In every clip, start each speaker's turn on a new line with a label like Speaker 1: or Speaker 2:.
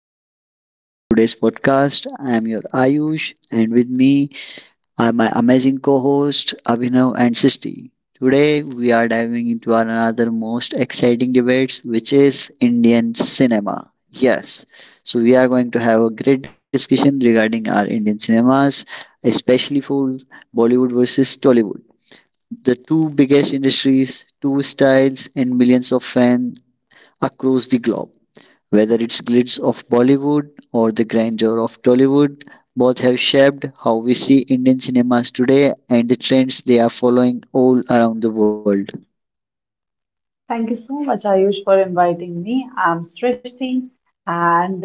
Speaker 1: listeners. Welcome to today's podcast. I am your Ayush, and with me are my amazing co host Abhinav and Sisti. Today, we are diving into our another most exciting debates, which is Indian cinema. Yes, so we are going to have a great discussion regarding our Indian cinemas, especially for Bollywood versus Tollywood, the two biggest industries, two styles, and millions of fans across the globe. Whether it's glitz of Bollywood or the grandeur of Tollywood, both have shaped how we see Indian cinemas today and the trends they are following all around the world.
Speaker 2: Thank you so much, Ayush, for inviting me. I'm Srishti, and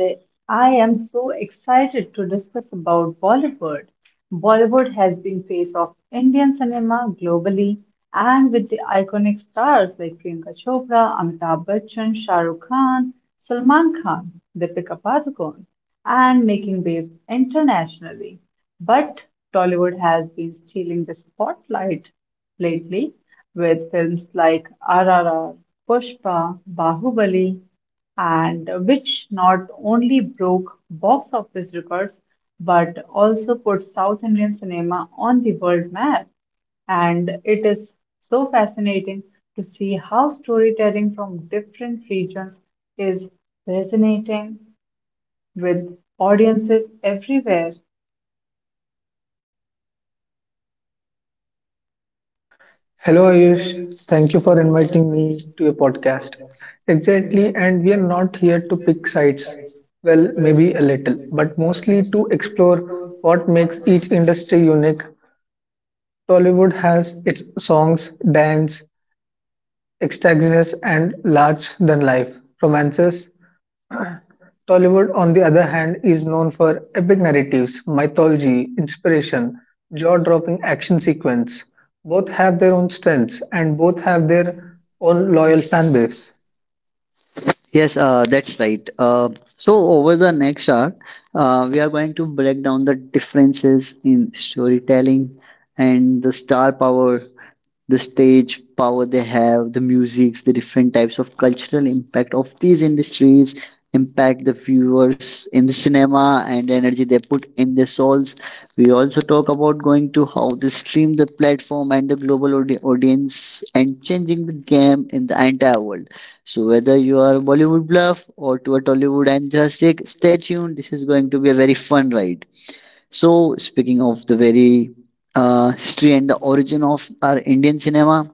Speaker 2: I am so excited to discuss about Bollywood. Bollywood has been face of Indian cinema globally, and with the iconic stars like Priyanka Chopra, Amitabh Bachchan, Shah Rukh Khan, Salman Khan, Deepika Padukone, and making waves internationally. But Tollywood has been stealing the spotlight lately with films like RRR Pushpa, Bahubali, and which not only broke box office records but also put South Indian cinema on the world map. And it is so fascinating to see how storytelling from different regions is resonating with audiences everywhere.
Speaker 3: Hello Ayush, thank you for inviting me to your podcast. Exactly, and we are not here to pick sides. Well, maybe a little, but mostly to explore what makes each industry unique. Tollywood has its songs, dance, extravagance, and large than life romances. Tollywood, on the other hand, is known for epic narratives, mythology, inspiration, jaw dropping action sequence. Both have their own strengths and both have their own loyal fan base.
Speaker 1: Yes, that's right. So, over the next hour, we are going to break down the differences in storytelling and the star power the stage power they have, the musics, the different types of cultural impact of these industries impact the viewers in the cinema and the energy they put in their souls. We also talk about going to how they stream the platform and the global audience and changing the game in the entire world. So whether you are Bollywood bluff or to a Tollywood enthusiast, stay tuned. This is going to be a very fun ride. So, speaking of the very history and the origin of our Indian cinema,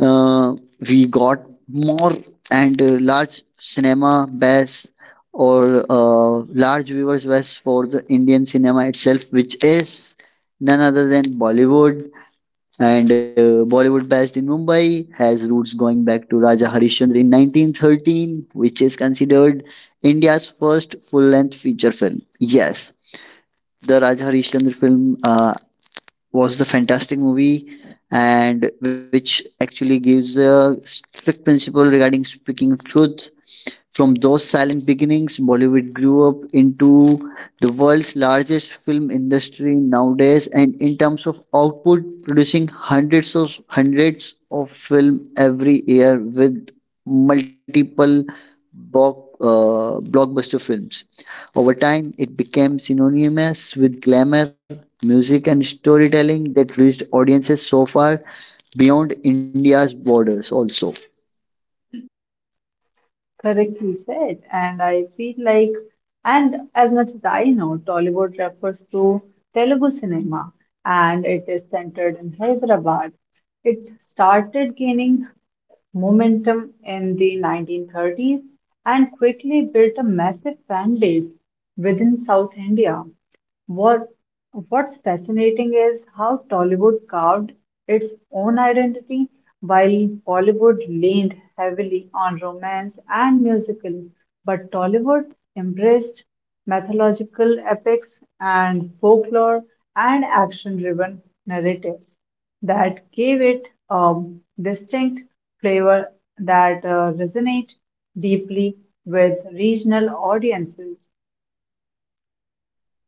Speaker 1: uh, we got more and large cinema base or large viewers base for the Indian cinema itself, which is none other than Bollywood. And Bollywood, based in Mumbai, has roots going back to Raja Harishchandra in 1913, which is considered India's first full-length feature film. Yes, the Raja Harishchandra film. Was the fantastic movie and which actually gives a strict principle regarding speaking truth from those silent beginnings, Bollywood grew up into the world's largest film industry nowadays, and in terms of output, producing hundreds of film every year with multiple blockbuster films. Over time, it became synonymous with glamour, music, and storytelling that reached audiences so far beyond India's borders also.
Speaker 2: Correctly said. And I feel like, and as much as I know, Tollywood refers to Telugu cinema and it is centered in Hyderabad. It started gaining momentum in the 1930s and quickly built a massive fan base within South India. What, what's fascinating is how Tollywood carved its own identity while Bollywood leaned heavily on romance and musical, but Tollywood embraced mythological epics and folklore and action driven narratives that gave it a distinct flavor that resonates deeply with regional audiences.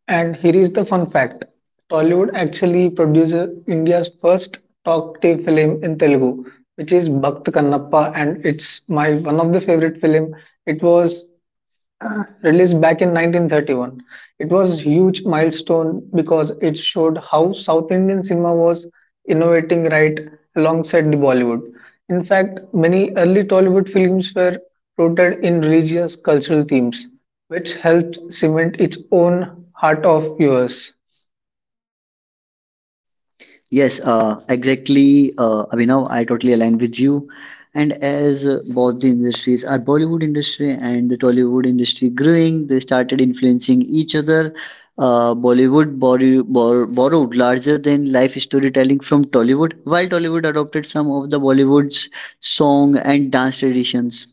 Speaker 3: And here is the fun fact Tollywood actually produces India's first talk to film in Telugu, which is Bhakt Kannappa, and it's my one of the favorite film. It was released back in 1931. It was huge milestone because it showed how South Indian cinema was innovating right alongside the Bollywood. In fact, many early Tollywood films were rooted in religious cultural themes, which helped cement its own heart of viewers.
Speaker 1: Yes, exactly, Abhinav. I totally align with you. And as both the industries our Bollywood industry and the Tollywood industry growing, they started influencing each other. Bollywood borrowed larger than life storytelling from Tollywood, while Tollywood adopted some of the Bollywood's song and dance traditions.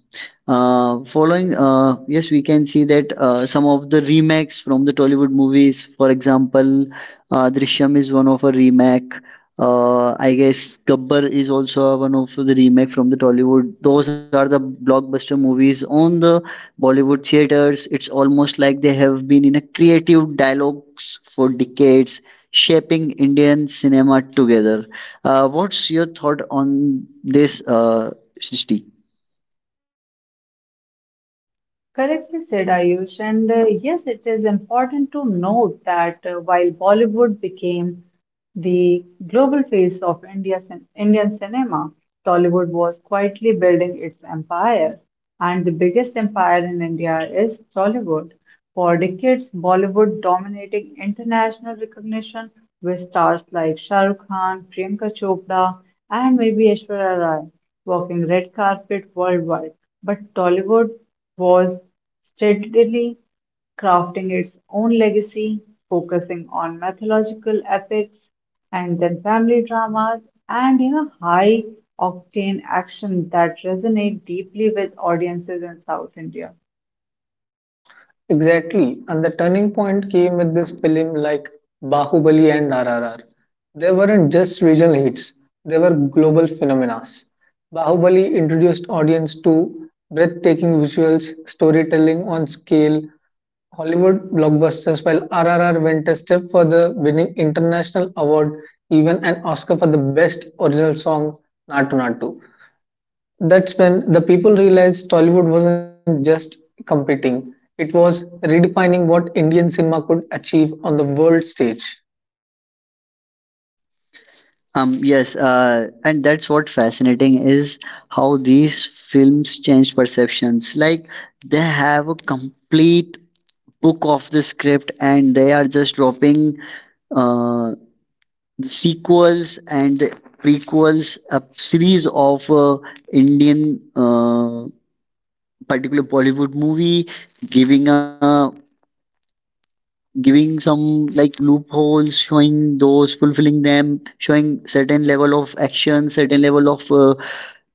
Speaker 1: Following, yes, we can see that some of the remakes from the Tollywood movies, for example. Drishyam is one of a remake. I guess Gabbar is also one of the remake from the Tollywood. Those are the blockbuster movies on the Bollywood theaters. It's almost like they have been in a creative dialogues for decades, shaping Indian cinema together. What's your thought on this, Srishti?
Speaker 2: Correctly said, Ayush. And yes, it is important to note that while Bollywood became the global face of India's Indian cinema, Tollywood was quietly building its empire. And the biggest empire in India is Tollywood. For decades, Bollywood dominating international recognition with stars like Shah Rukh Khan, Priyanka Chopra, and maybe Aishwarya Rai walking red carpet worldwide but Tollywood was steadily crafting its own legacy, focusing on mythological epics and then family dramas and you know high octane action that resonate deeply with audiences in South India.
Speaker 3: Exactly, and the turning point came with this film like Bahubali and RRR. They weren't just regional hits, they were global phenomena. Bahubali introduced audience to breathtaking visuals, storytelling on scale, Hollywood blockbusters, while RRR went a step further, winning international award, even an Oscar for the best original song, Natu Natu. That's when the people realized Tollywood wasn't just competing, it was redefining what Indian cinema could achieve on the world stage.
Speaker 1: Yes, and that's what fascinating is how these films change perceptions. Like they have a complete book of the script, and they are just dropping uh, the sequels and prequels, a series of Indian, particular Bollywood movie, giving a giving some like loopholes, showing those, fulfilling them, showing certain level of action, certain level of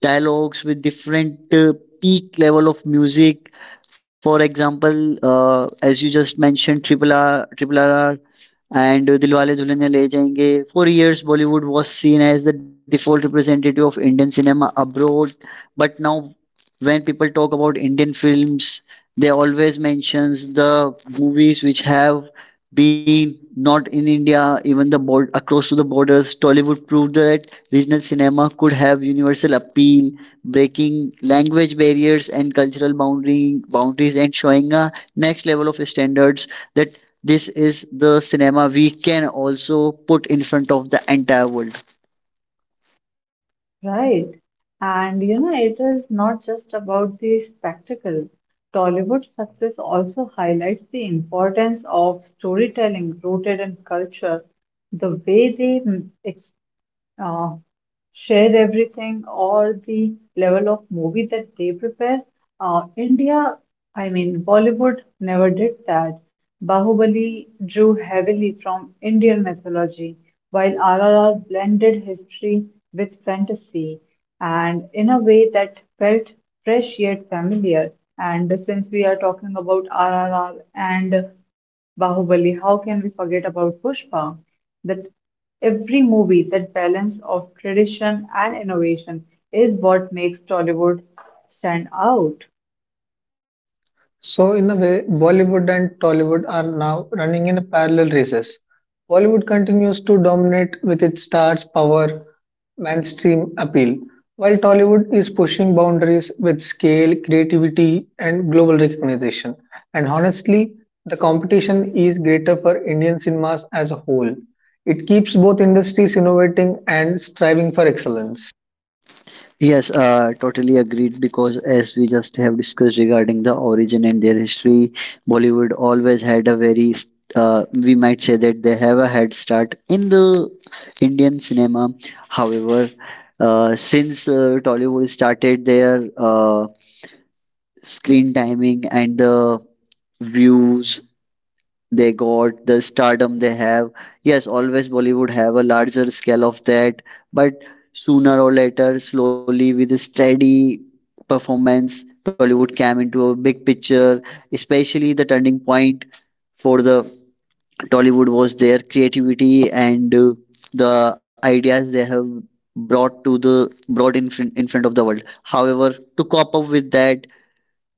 Speaker 1: dialogues with different peak level of music for example as you just mentioned triple r and Dilwale Dulhania Le Jayenge. For years, Bollywood was seen as the default representative of Indian cinema abroad, but now when people talk about Indian films, they always mentions the movies which have been not in India, even the board across to the borders. Tollywood proved that regional cinema could have universal appeal, breaking language barriers and cultural boundary boundaries, and showing a next level of standards that this is the cinema we can also put in front of the entire world.
Speaker 2: Right. And you know, it is not just about the spectacle. Tollywood's success also highlights the importance of storytelling rooted in culture. The way they mm, ex uh, share everything or the level of movie that they prepare. India, I mean, Bollywood never did that. Bahubali drew heavily from Indian mythology while RRR blended history with fantasy, and in a way that felt fresh yet familiar. And since we are talking about RRR and Bahubali, how can we forget about Pushpa? That every movie, that balance of tradition and innovation, is what makes Tollywood stand out.
Speaker 3: So, in a way, Bollywood and Tollywood are now running in parallel races. Bollywood continues to dominate with its stars' power, mainstream appeal, while Tollywood is pushing boundaries with scale, creativity, and global recognition. And honestly, the competition is greater for Indian cinemas as a whole. It keeps both industries innovating and striving for excellence.
Speaker 1: Yes, totally agreed because as we just have discussed regarding the origin and their history, Bollywood always had a very we might say that they have a head start in the Indian cinema. However since Tollywood started their screen timing and the views they got the stardom they have. Yes, always Bollywood have a larger scale of that, but sooner or later slowly with a steady performance Tollywood came into a big picture. Especially the turning point for the Tollywood was their creativity and the ideas they have brought to the brought in front of the world. However to cop up with that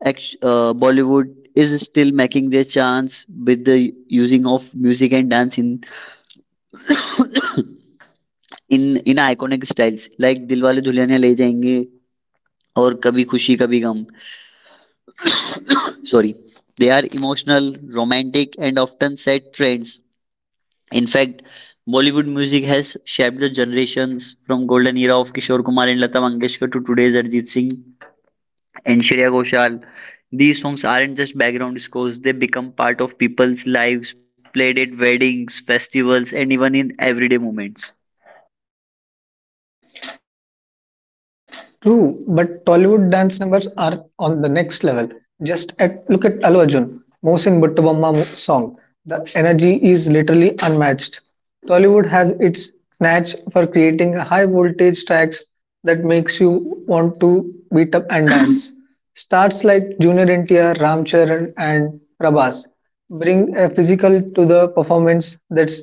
Speaker 1: Bollywood is still making their chance with the using of music and dance in in iconic styles like Dilwale Dulhania Le Jayenge or Kabhi Khushi Kabhi Gum. Sorry, they are emotional, romantic, and often set trends. In fact, Bollywood music has shaped the generations from golden era of Kishore Kumar and Lata Mangeshkar to today's Arjit Singh and Shreya Ghoshal. These songs aren't just background scores, they become part of people's lives, played at weddings, festivals, and even in everyday moments.
Speaker 3: True, but Tollywood dance numbers are on the next level. Just at look at Allu Arjun, song. The energy is literally unmatched. Tollywood has its knack for creating high voltage tracks that makes you want to beat up and dance. Stars like Junior NTR, Ram Charan, and Prabhas bring a physical to the performance that's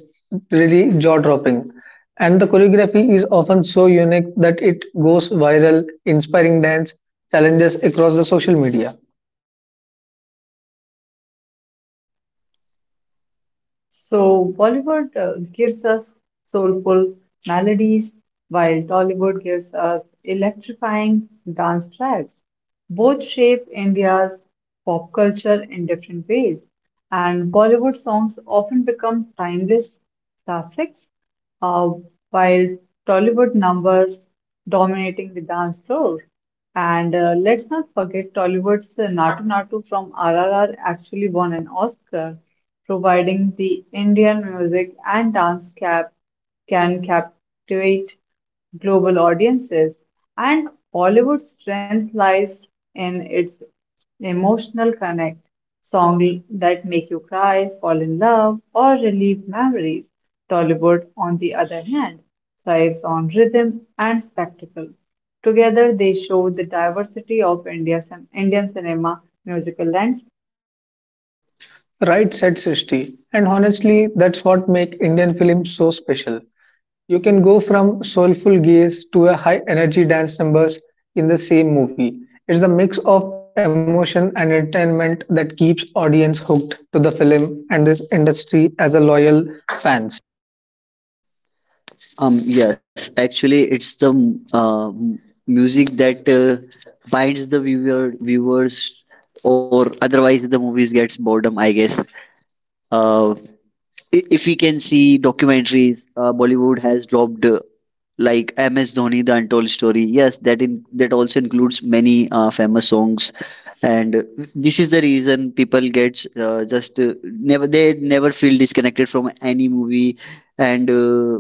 Speaker 3: really jaw dropping. And the choreography is often so unique that it goes viral, inspiring dance challenges across the social media.
Speaker 2: So Bollywood gives us soulful melodies, while Tollywood gives us electrifying dance tracks. Both shape India's pop culture in different ways, and Bollywood songs often become timeless classics, uh, while Tollywood numbers dominating the dance floor. And let's not forget Tollywood's Natu Natu from RRR actually won an Oscar providing the Indian music and dance cap can captivate global audiences, and Bollywood's strength lies in its emotional connect, songs that make you cry, fall in love, or relieve memories. Tollywood, on the other hand, thrives on rhythm and spectacle. Together, they show the diversity of India's Indian cinema musical landscape.
Speaker 3: Right, said Srishti. And honestly, that's what make Indian films so special. You can go from soulful gaze to a high energy dance numbers in the same movie. It's a mix of emotion and entertainment that keeps audience hooked to the film and this industry as a loyal fans.
Speaker 1: Yes, actually, it's the uh, music that binds the viewers, or otherwise the movies gets boredom. I guess. Uh, if we can see documentaries, Bollywood has dropped like MS Dhoni, The Untold Story. Yes, that in that also includes many famous songs and this is the reason people get just never they never feel disconnected from any movie and uh,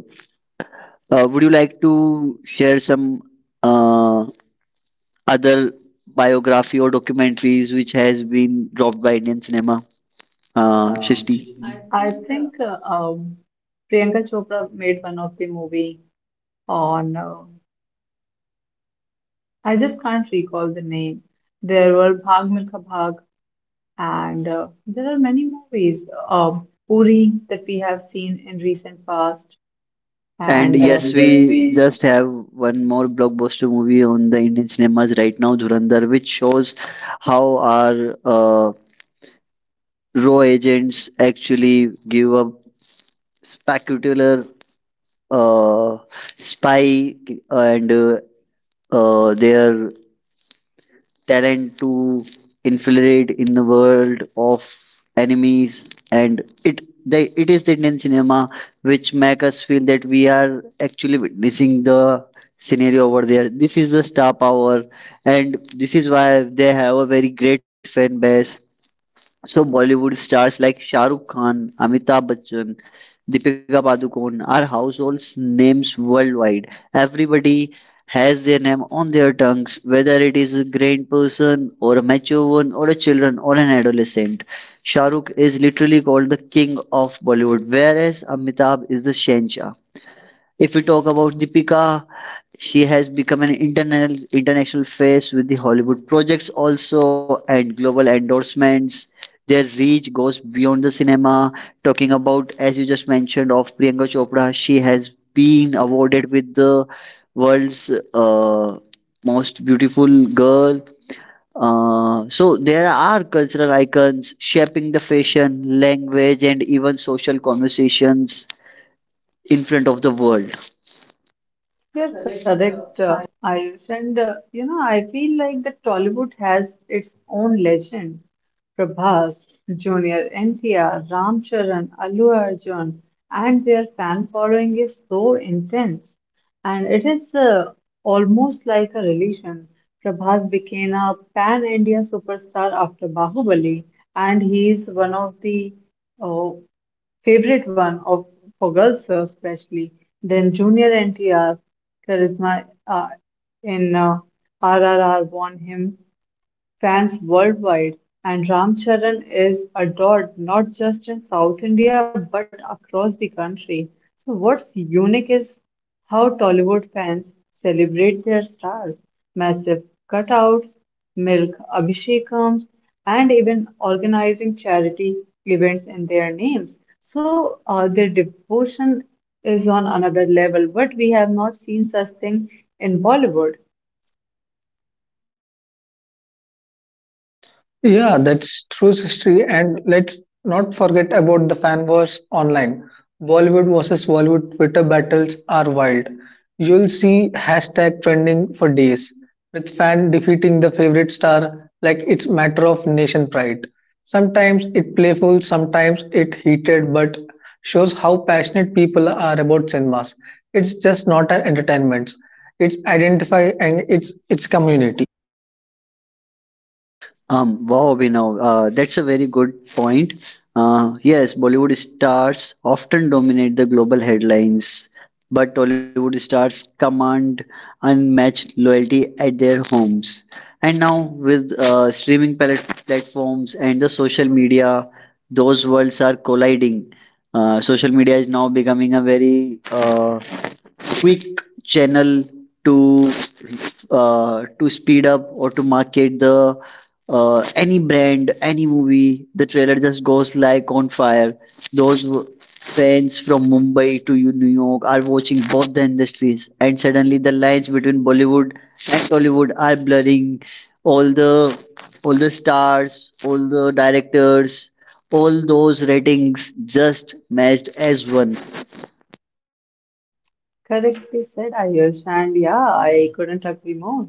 Speaker 1: uh, would you like to share some uh, other biography or documentaries which has been dropped by Indian cinema Shishti?
Speaker 2: I think Priyanka Chopra made one of the movie on I just can't recall the name. There were Bhag Milkha Bhag, and there are many movies. Uri that we have seen in recent past,
Speaker 1: And
Speaker 2: and
Speaker 1: yes
Speaker 2: and yes,
Speaker 1: we
Speaker 2: we.
Speaker 1: just have one more blockbuster movie on the Indian cinemas right now Dhurandhar which shows how our raw agents actually give up spectacular uh, spy and their talent to infiltrate in the world of enemies, and it they, it is the Indian cinema which make us feel that we are actually witnessing the scenario over there. This is the star power, and this is why they have a very great fan base. So Bollywood stars like Shahrukh Khan, Amitabh Bachchan, Deepika Padukone are household names worldwide. Everybody has their name on their tongues, whether it is a grand person or a mature one or a children or an adolescent. Shah Rukh is literally called the king of Bollywood, whereas Amitabh is the Shenshah. If we talk about Deepika, she has become an internal international face with the Hollywood projects also and global endorsements. Their reach goes beyond the cinema. Talking about, as you just mentioned, of Priyanka Chopra, she has been awarded with the world's most beautiful girl. So there are cultural icons shaping the fashion, language, and even social conversations in front of the world.
Speaker 2: You're correct, Ayush. And you know, I feel like the Tollywood has its own legends. Prabhas, Junior NTR, Ram Charan, Allu Arjun, and their fan following is so intense and it is almost like a relation. Prabhas became a pan India superstar after Bahubali, and he is one of the uh, favorite one of for girls especially. Then Junior NTR, Charisma in RRR won him fans worldwide, and Ramcharan is adored not just in South India but across the country. So, what's unique is how Tollywood fans celebrate their stars massive cutouts, milk abhishekams, and even organizing charity events in their names. So, their devotion is on another level, but we have not seen such thing in Bollywood.
Speaker 3: Yeah, that's true, history. And let's not forget about the fan wars online. Bollywood versus Bollywood Twitter battles are wild. You'll see hashtag trending for days, with fan defeating the favorite star like it's matter of nation pride. Sometimes it playful, sometimes it heated, but shows how passionate people are about cinemas. It's just not an entertainment. It's identify and it's community.
Speaker 1: Wow, Abhinav, that's a very good point. Yes, Bollywood stars often dominate the global headlines, but Tollywood stars command unmatched loyalty at their homes. And now, with streaming platforms and the social media, those worlds are colliding. Social media is now becoming a very quick channel to to speed up or to market the any brand, any movie, the trailer just goes like on fire. Those w- Fans from Mumbai to New York are watching both the industries, and suddenly the lines between Bollywood and Tollywood are blurring. All the all the stars, all the directors, all those ratings just matched as one.
Speaker 2: Correctly said, Ayush, and yeah, I couldn't agree more.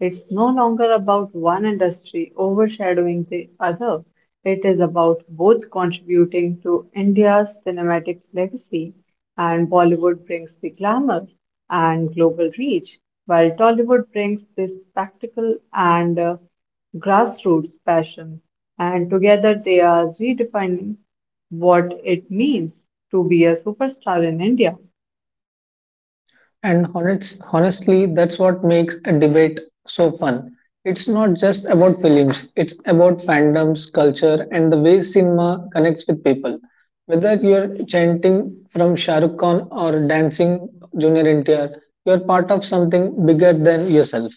Speaker 2: It's no longer about one industry overshadowing the other. It is about both contributing to India's cinematic legacy, and Bollywood brings the glamour and global reach, while Tollywood brings the spectacle and grassroots passion. And together they are redefining what it means to be a superstar in India.
Speaker 3: Honestly, that's what makes a debate so fun. It's not just about films, it's about fandoms, culture, and the way cinema connects with people. Whether you're chanting from Shah Rukh Khan or dancing Junior NTR, you're part of something bigger than yourself.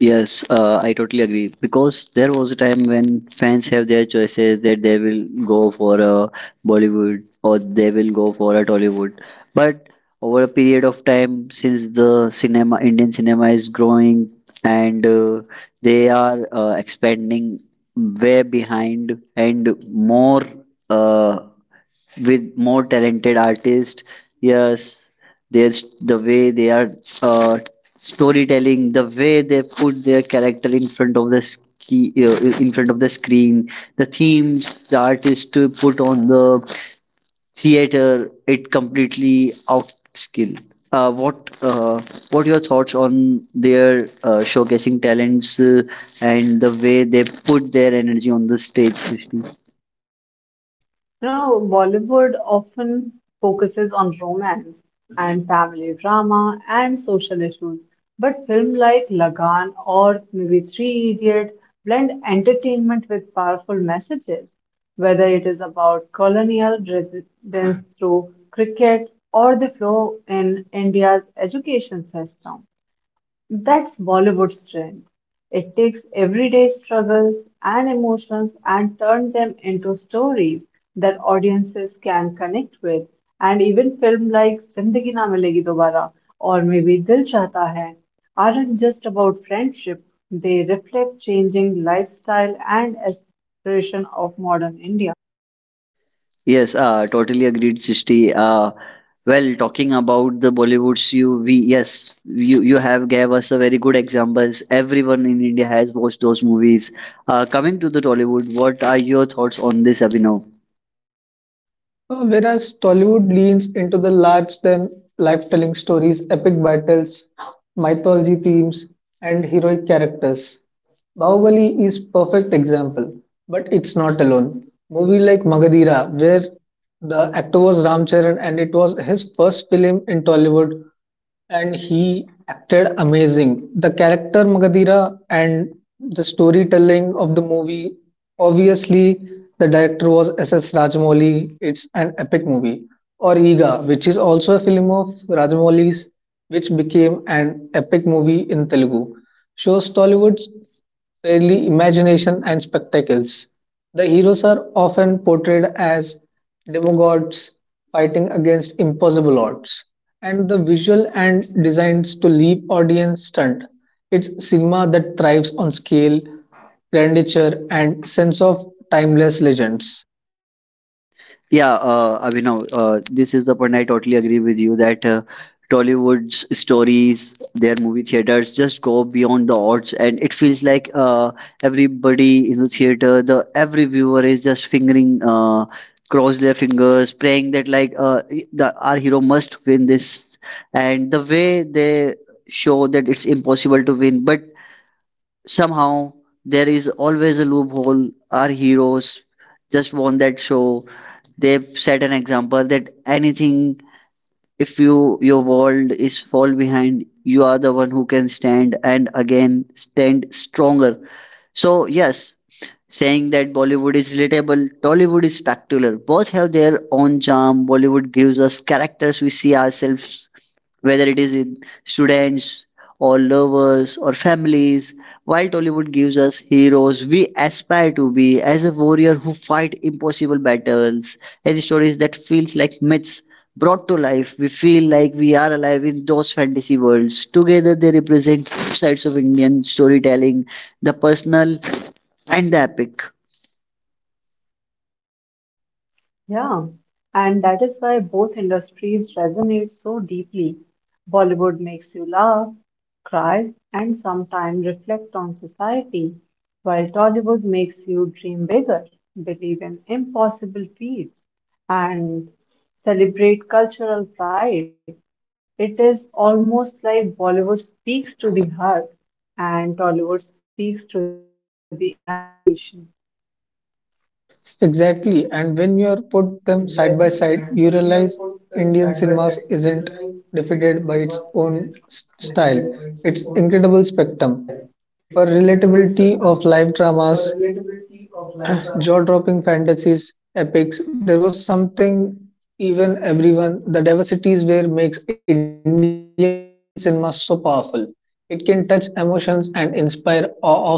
Speaker 1: Yes, I totally agree because there was a time when fans have their choices that they will go for a Bollywood or they will go for a Tollywood. But over a period of time, since the cinema, Indian cinema is growing and they are expanding way behind and more uh, with more talented artists. Yes, there's the way they are uh, storytelling, the way they put their character in front of the in front of the screen, the themes the artist to put on the theater, it completely outskill. Uh, what uh, what your thoughts on their showcasing talents and the way they put their energy on the stage? Srishti?
Speaker 2: You know, Bollywood often focuses on romance and family drama and social issues, but films like Lagan or maybe Three Idiot blend entertainment with powerful messages, whether it is about colonial resistance through cricket or the flow in India's education system. That's Bollywood's trend. It takes everyday struggles and emotions and turns them into stories that audiences can connect with. And even films like Zindagi Na Milegi Dobara or maybe Dil Chahta Hai aren't just about friendship. They reflect changing lifestyle and aspiration of modern India.
Speaker 1: Yes, totally agreed, Sishti. Well, talking about the Bollywoods, you you have gave us a very good examples. Everyone in India has watched those movies. Coming to the Tollywood, what are your thoughts on this, Abhinav?
Speaker 3: Whereas Tollywood leans into the large than life telling stories, epic battles, mythology themes, and heroic characters. Bahubali is perfect example, but it's not alone. Movie like Magadira, where the actor was Ram Charan and it was his first film in Tollywood, and he acted amazing. The character Magadira and the storytelling of the movie. Obviously, the director was S.S. Rajamouli. It's an epic movie. Or Iga, which is also a film of Rajamouli's, which became an epic movie in Telugu. Shows Tollywood's fairly imagination and spectacles. The heroes are often portrayed as demigods fighting against impossible odds, and the visual and designs to leave audience stunned. It's cinema that thrives on scale, grandeur, and sense of timeless legends.
Speaker 1: Yeah, Abhinav, this is the point I totally agree with you that Tollywood's stories, their movie theaters just go beyond the odds, and it feels like everybody in the theater, the every viewer is just fingering, cross their fingers, praying that like the our hero must win this, and the way they show that it's impossible to win, but somehow there is always a loophole our heroes just won that show they've set an example that anything if you your world is fall behind you are the one who can stand and again stand stronger. So yes, saying that Bollywood is relatable, Tollywood is spectacular, both have their own charm. Bollywood gives us characters we see ourselves, whether it is in students or lovers or families. While Tollywood gives us heroes we aspire to be, as a warrior who fight impossible battles, and stories that feels like myths brought to life, we feel like we are alive in those fantasy worlds. Together, they represent sides of Indian storytelling, the personal and the epic.
Speaker 2: Yeah, and that is why both industries resonate so deeply. Bollywood makes you laugh, cry, and sometimes reflect on society, while Tollywood makes you dream bigger, believe in impossible feats, and celebrate cultural pride. It is almost like Bollywood speaks to the heart and Tollywood speaks to the imagination.
Speaker 3: Exactly, and when you are put them side by side, you realize Indian cinemas isn't defeated by its own style. Its incredible spectrum for relatability of live dramas, jaw-dropping fantasies, epics. There was something even everyone. The diversities where makes Indian cinema so powerful. It can touch emotions and inspire awe of same time.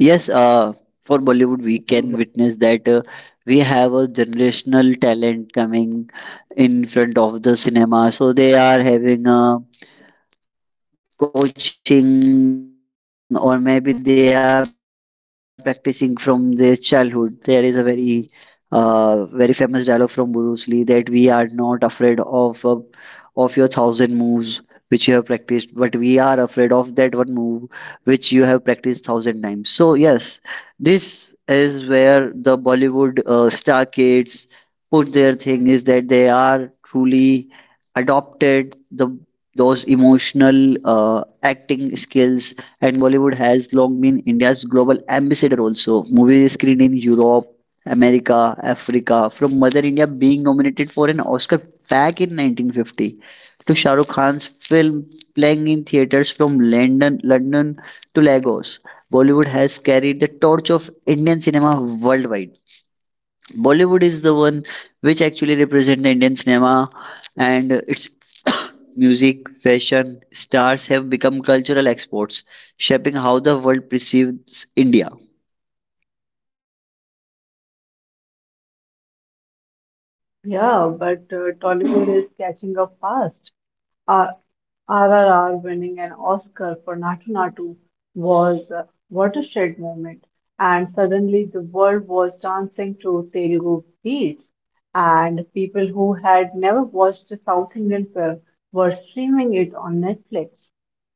Speaker 1: Yes, for Bollywood, we can witness that we have a generational talent coming in front of the cinema. So they are having a coaching or maybe they are practicing from their childhood. There is a very famous dialogue from Bruce Lee that we are not afraid of your thousand moves which you have practiced, but we are afraid of that one move which you have practiced thousand times. So yes, this is where the Bollywood star kids put their thing is that they are truly adopted the those emotional uh, acting skills. And Bollywood has long been India's global ambassador, also movies screened in Europe, America, Africa, from Mother India being nominated for an Oscar back in 1950, to Shah Rukh Khan's film playing in theaters from London to Lagos. Bollywood has carried the torch of Indian cinema worldwide. Bollywood is the one which actually represent the Indian cinema, and its music, fashion, stars have become cultural exports, shaping how the world perceives India.
Speaker 2: Yeah, but Tollywood is catching up fast. Uh, RRR winning an Oscar for Natu Natu was a watershed moment, and suddenly the world was dancing to Telugu beats, and people who had never watched a South Indian film were streaming it on Netflix.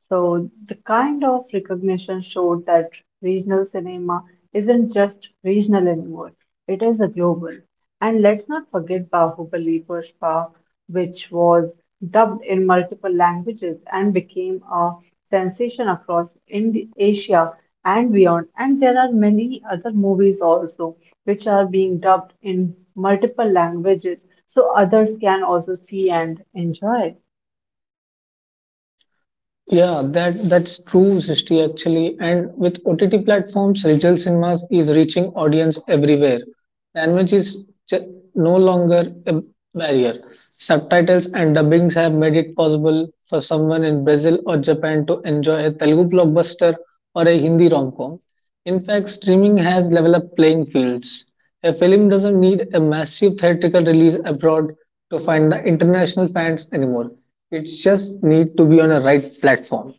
Speaker 2: So the kind of recognition showed that regional cinema isn't just regional anymore; it is a global. And let's not forget Bahubali Pushpa, which was dubbed in multiple languages and became a sensation across Indi Asia and beyond. And there are many other movies also which are being dubbed in multiple languages so others can also see and enjoy.
Speaker 3: Yeah, that's true, Srishti, actually. And with OTT platforms, Ritual Cinemas is reaching audience everywhere. Language is no longer a barrier. Subtitles and dubbings have made it possible for someone in Brazil or Japan to enjoy a Telugu blockbuster or a Hindi rom-com. In fact, streaming has developed playing fields. A film doesn't need a massive theatrical release abroad to find the international fans anymore. It's just need to be on a right platform.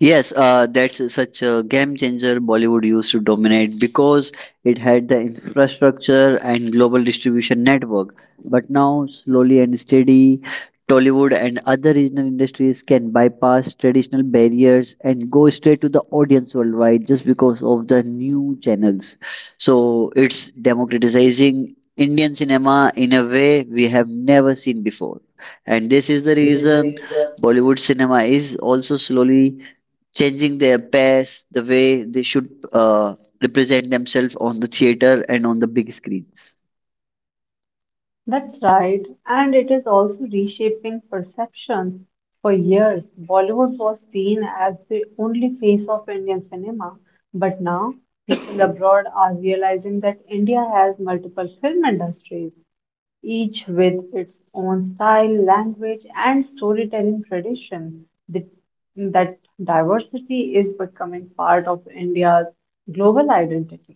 Speaker 1: Yes, that's such a game changer. Bollywood used to dominate because it had the infrastructure and global distribution network. But now, slowly and steady, Tollywood and other regional industries can bypass traditional barriers and go straight to the audience worldwide just because of the new channels. So it's democratizing Indian cinema in a way we have never seen before. And this is the reason Bollywood cinema is also slowly changing their pairs, the way they should represent themselves on the theater and on the big screens.
Speaker 2: That's right, and it is also reshaping perceptions. For years, Bollywood was seen as the only face of Indian cinema, but now people abroad are realizing that India has multiple film industries, each with its own style, language, and storytelling tradition. That diversity is becoming part of India's global identity.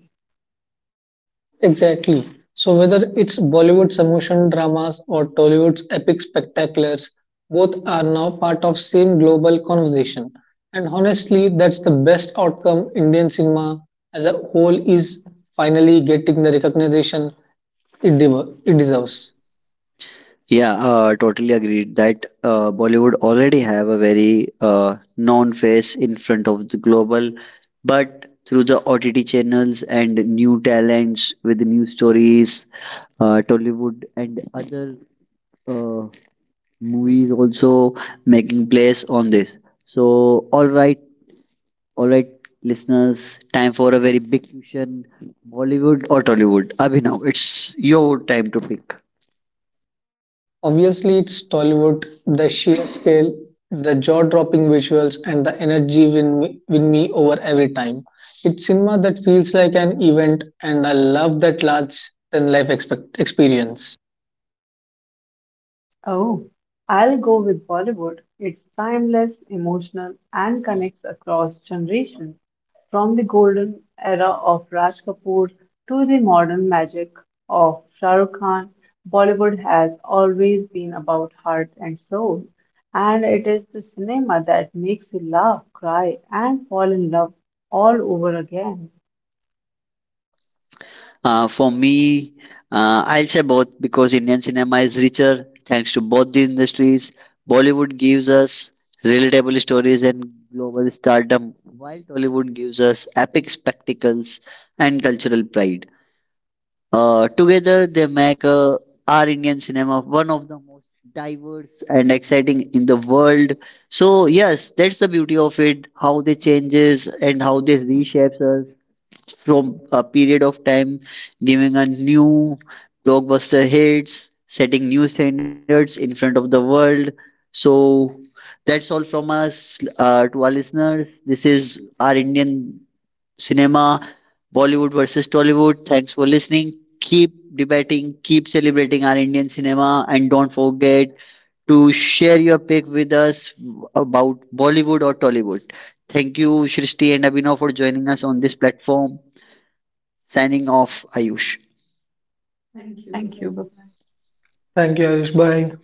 Speaker 3: Exactly. So whether it's Bollywood's emotion dramas or Tollywood's epic spectaculars, both are now part of same global conversation. And honestly, that's the best outcome Indian cinema as a whole is finally getting the recognition it deserves.
Speaker 1: Yeah, totally agreed that Bollywood already have a very known face in front of the global, but through the OTT channels and new talents with new stories, Tollywood and other uh, movies also making place on this. So, all right, listeners, time for a very big question. Bollywood or Tollywood? Abhinav, it's your time to pick.
Speaker 3: Obviously, it's Tollywood, the sheer scale, the jaw dropping visuals, and the energy win me over every time. It's cinema that feels like an event, and I love that large than life experience.
Speaker 2: Oh, I'll go with Bollywood. It's timeless, emotional, and connects across generations, from the golden era of Raj Kapoor to the modern magic of Shah Rukh Khan. Bollywood has always been about heart and soul, and it is the cinema that makes you laugh, cry, and fall in love all over again.
Speaker 1: For me, I'll say both, because Indian cinema is richer thanks to both the industries. Bollywood gives us relatable stories and global stardom, while Tollywood gives us epic spectacles and cultural pride. Together, they make our Indian cinema one of the most diverse and exciting in the world. So yes, that's the beauty of it. How they changes and how they reshapes us from a period of time, giving a new blockbuster hits, setting new standards in front of the world. So that's all from us to our listeners. This is our Indian cinema, Bollywood versus Tollywood. Thanks for listening. Keep debating, keep celebrating our Indian cinema, and don't forget to share your pick with us about Bollywood or Tollywood. Thank you, Shristi and Abhinav, for joining us on this platform. Signing off, Ayush.
Speaker 2: Thank you. Bye.
Speaker 3: Thank you, Ayush. Bye.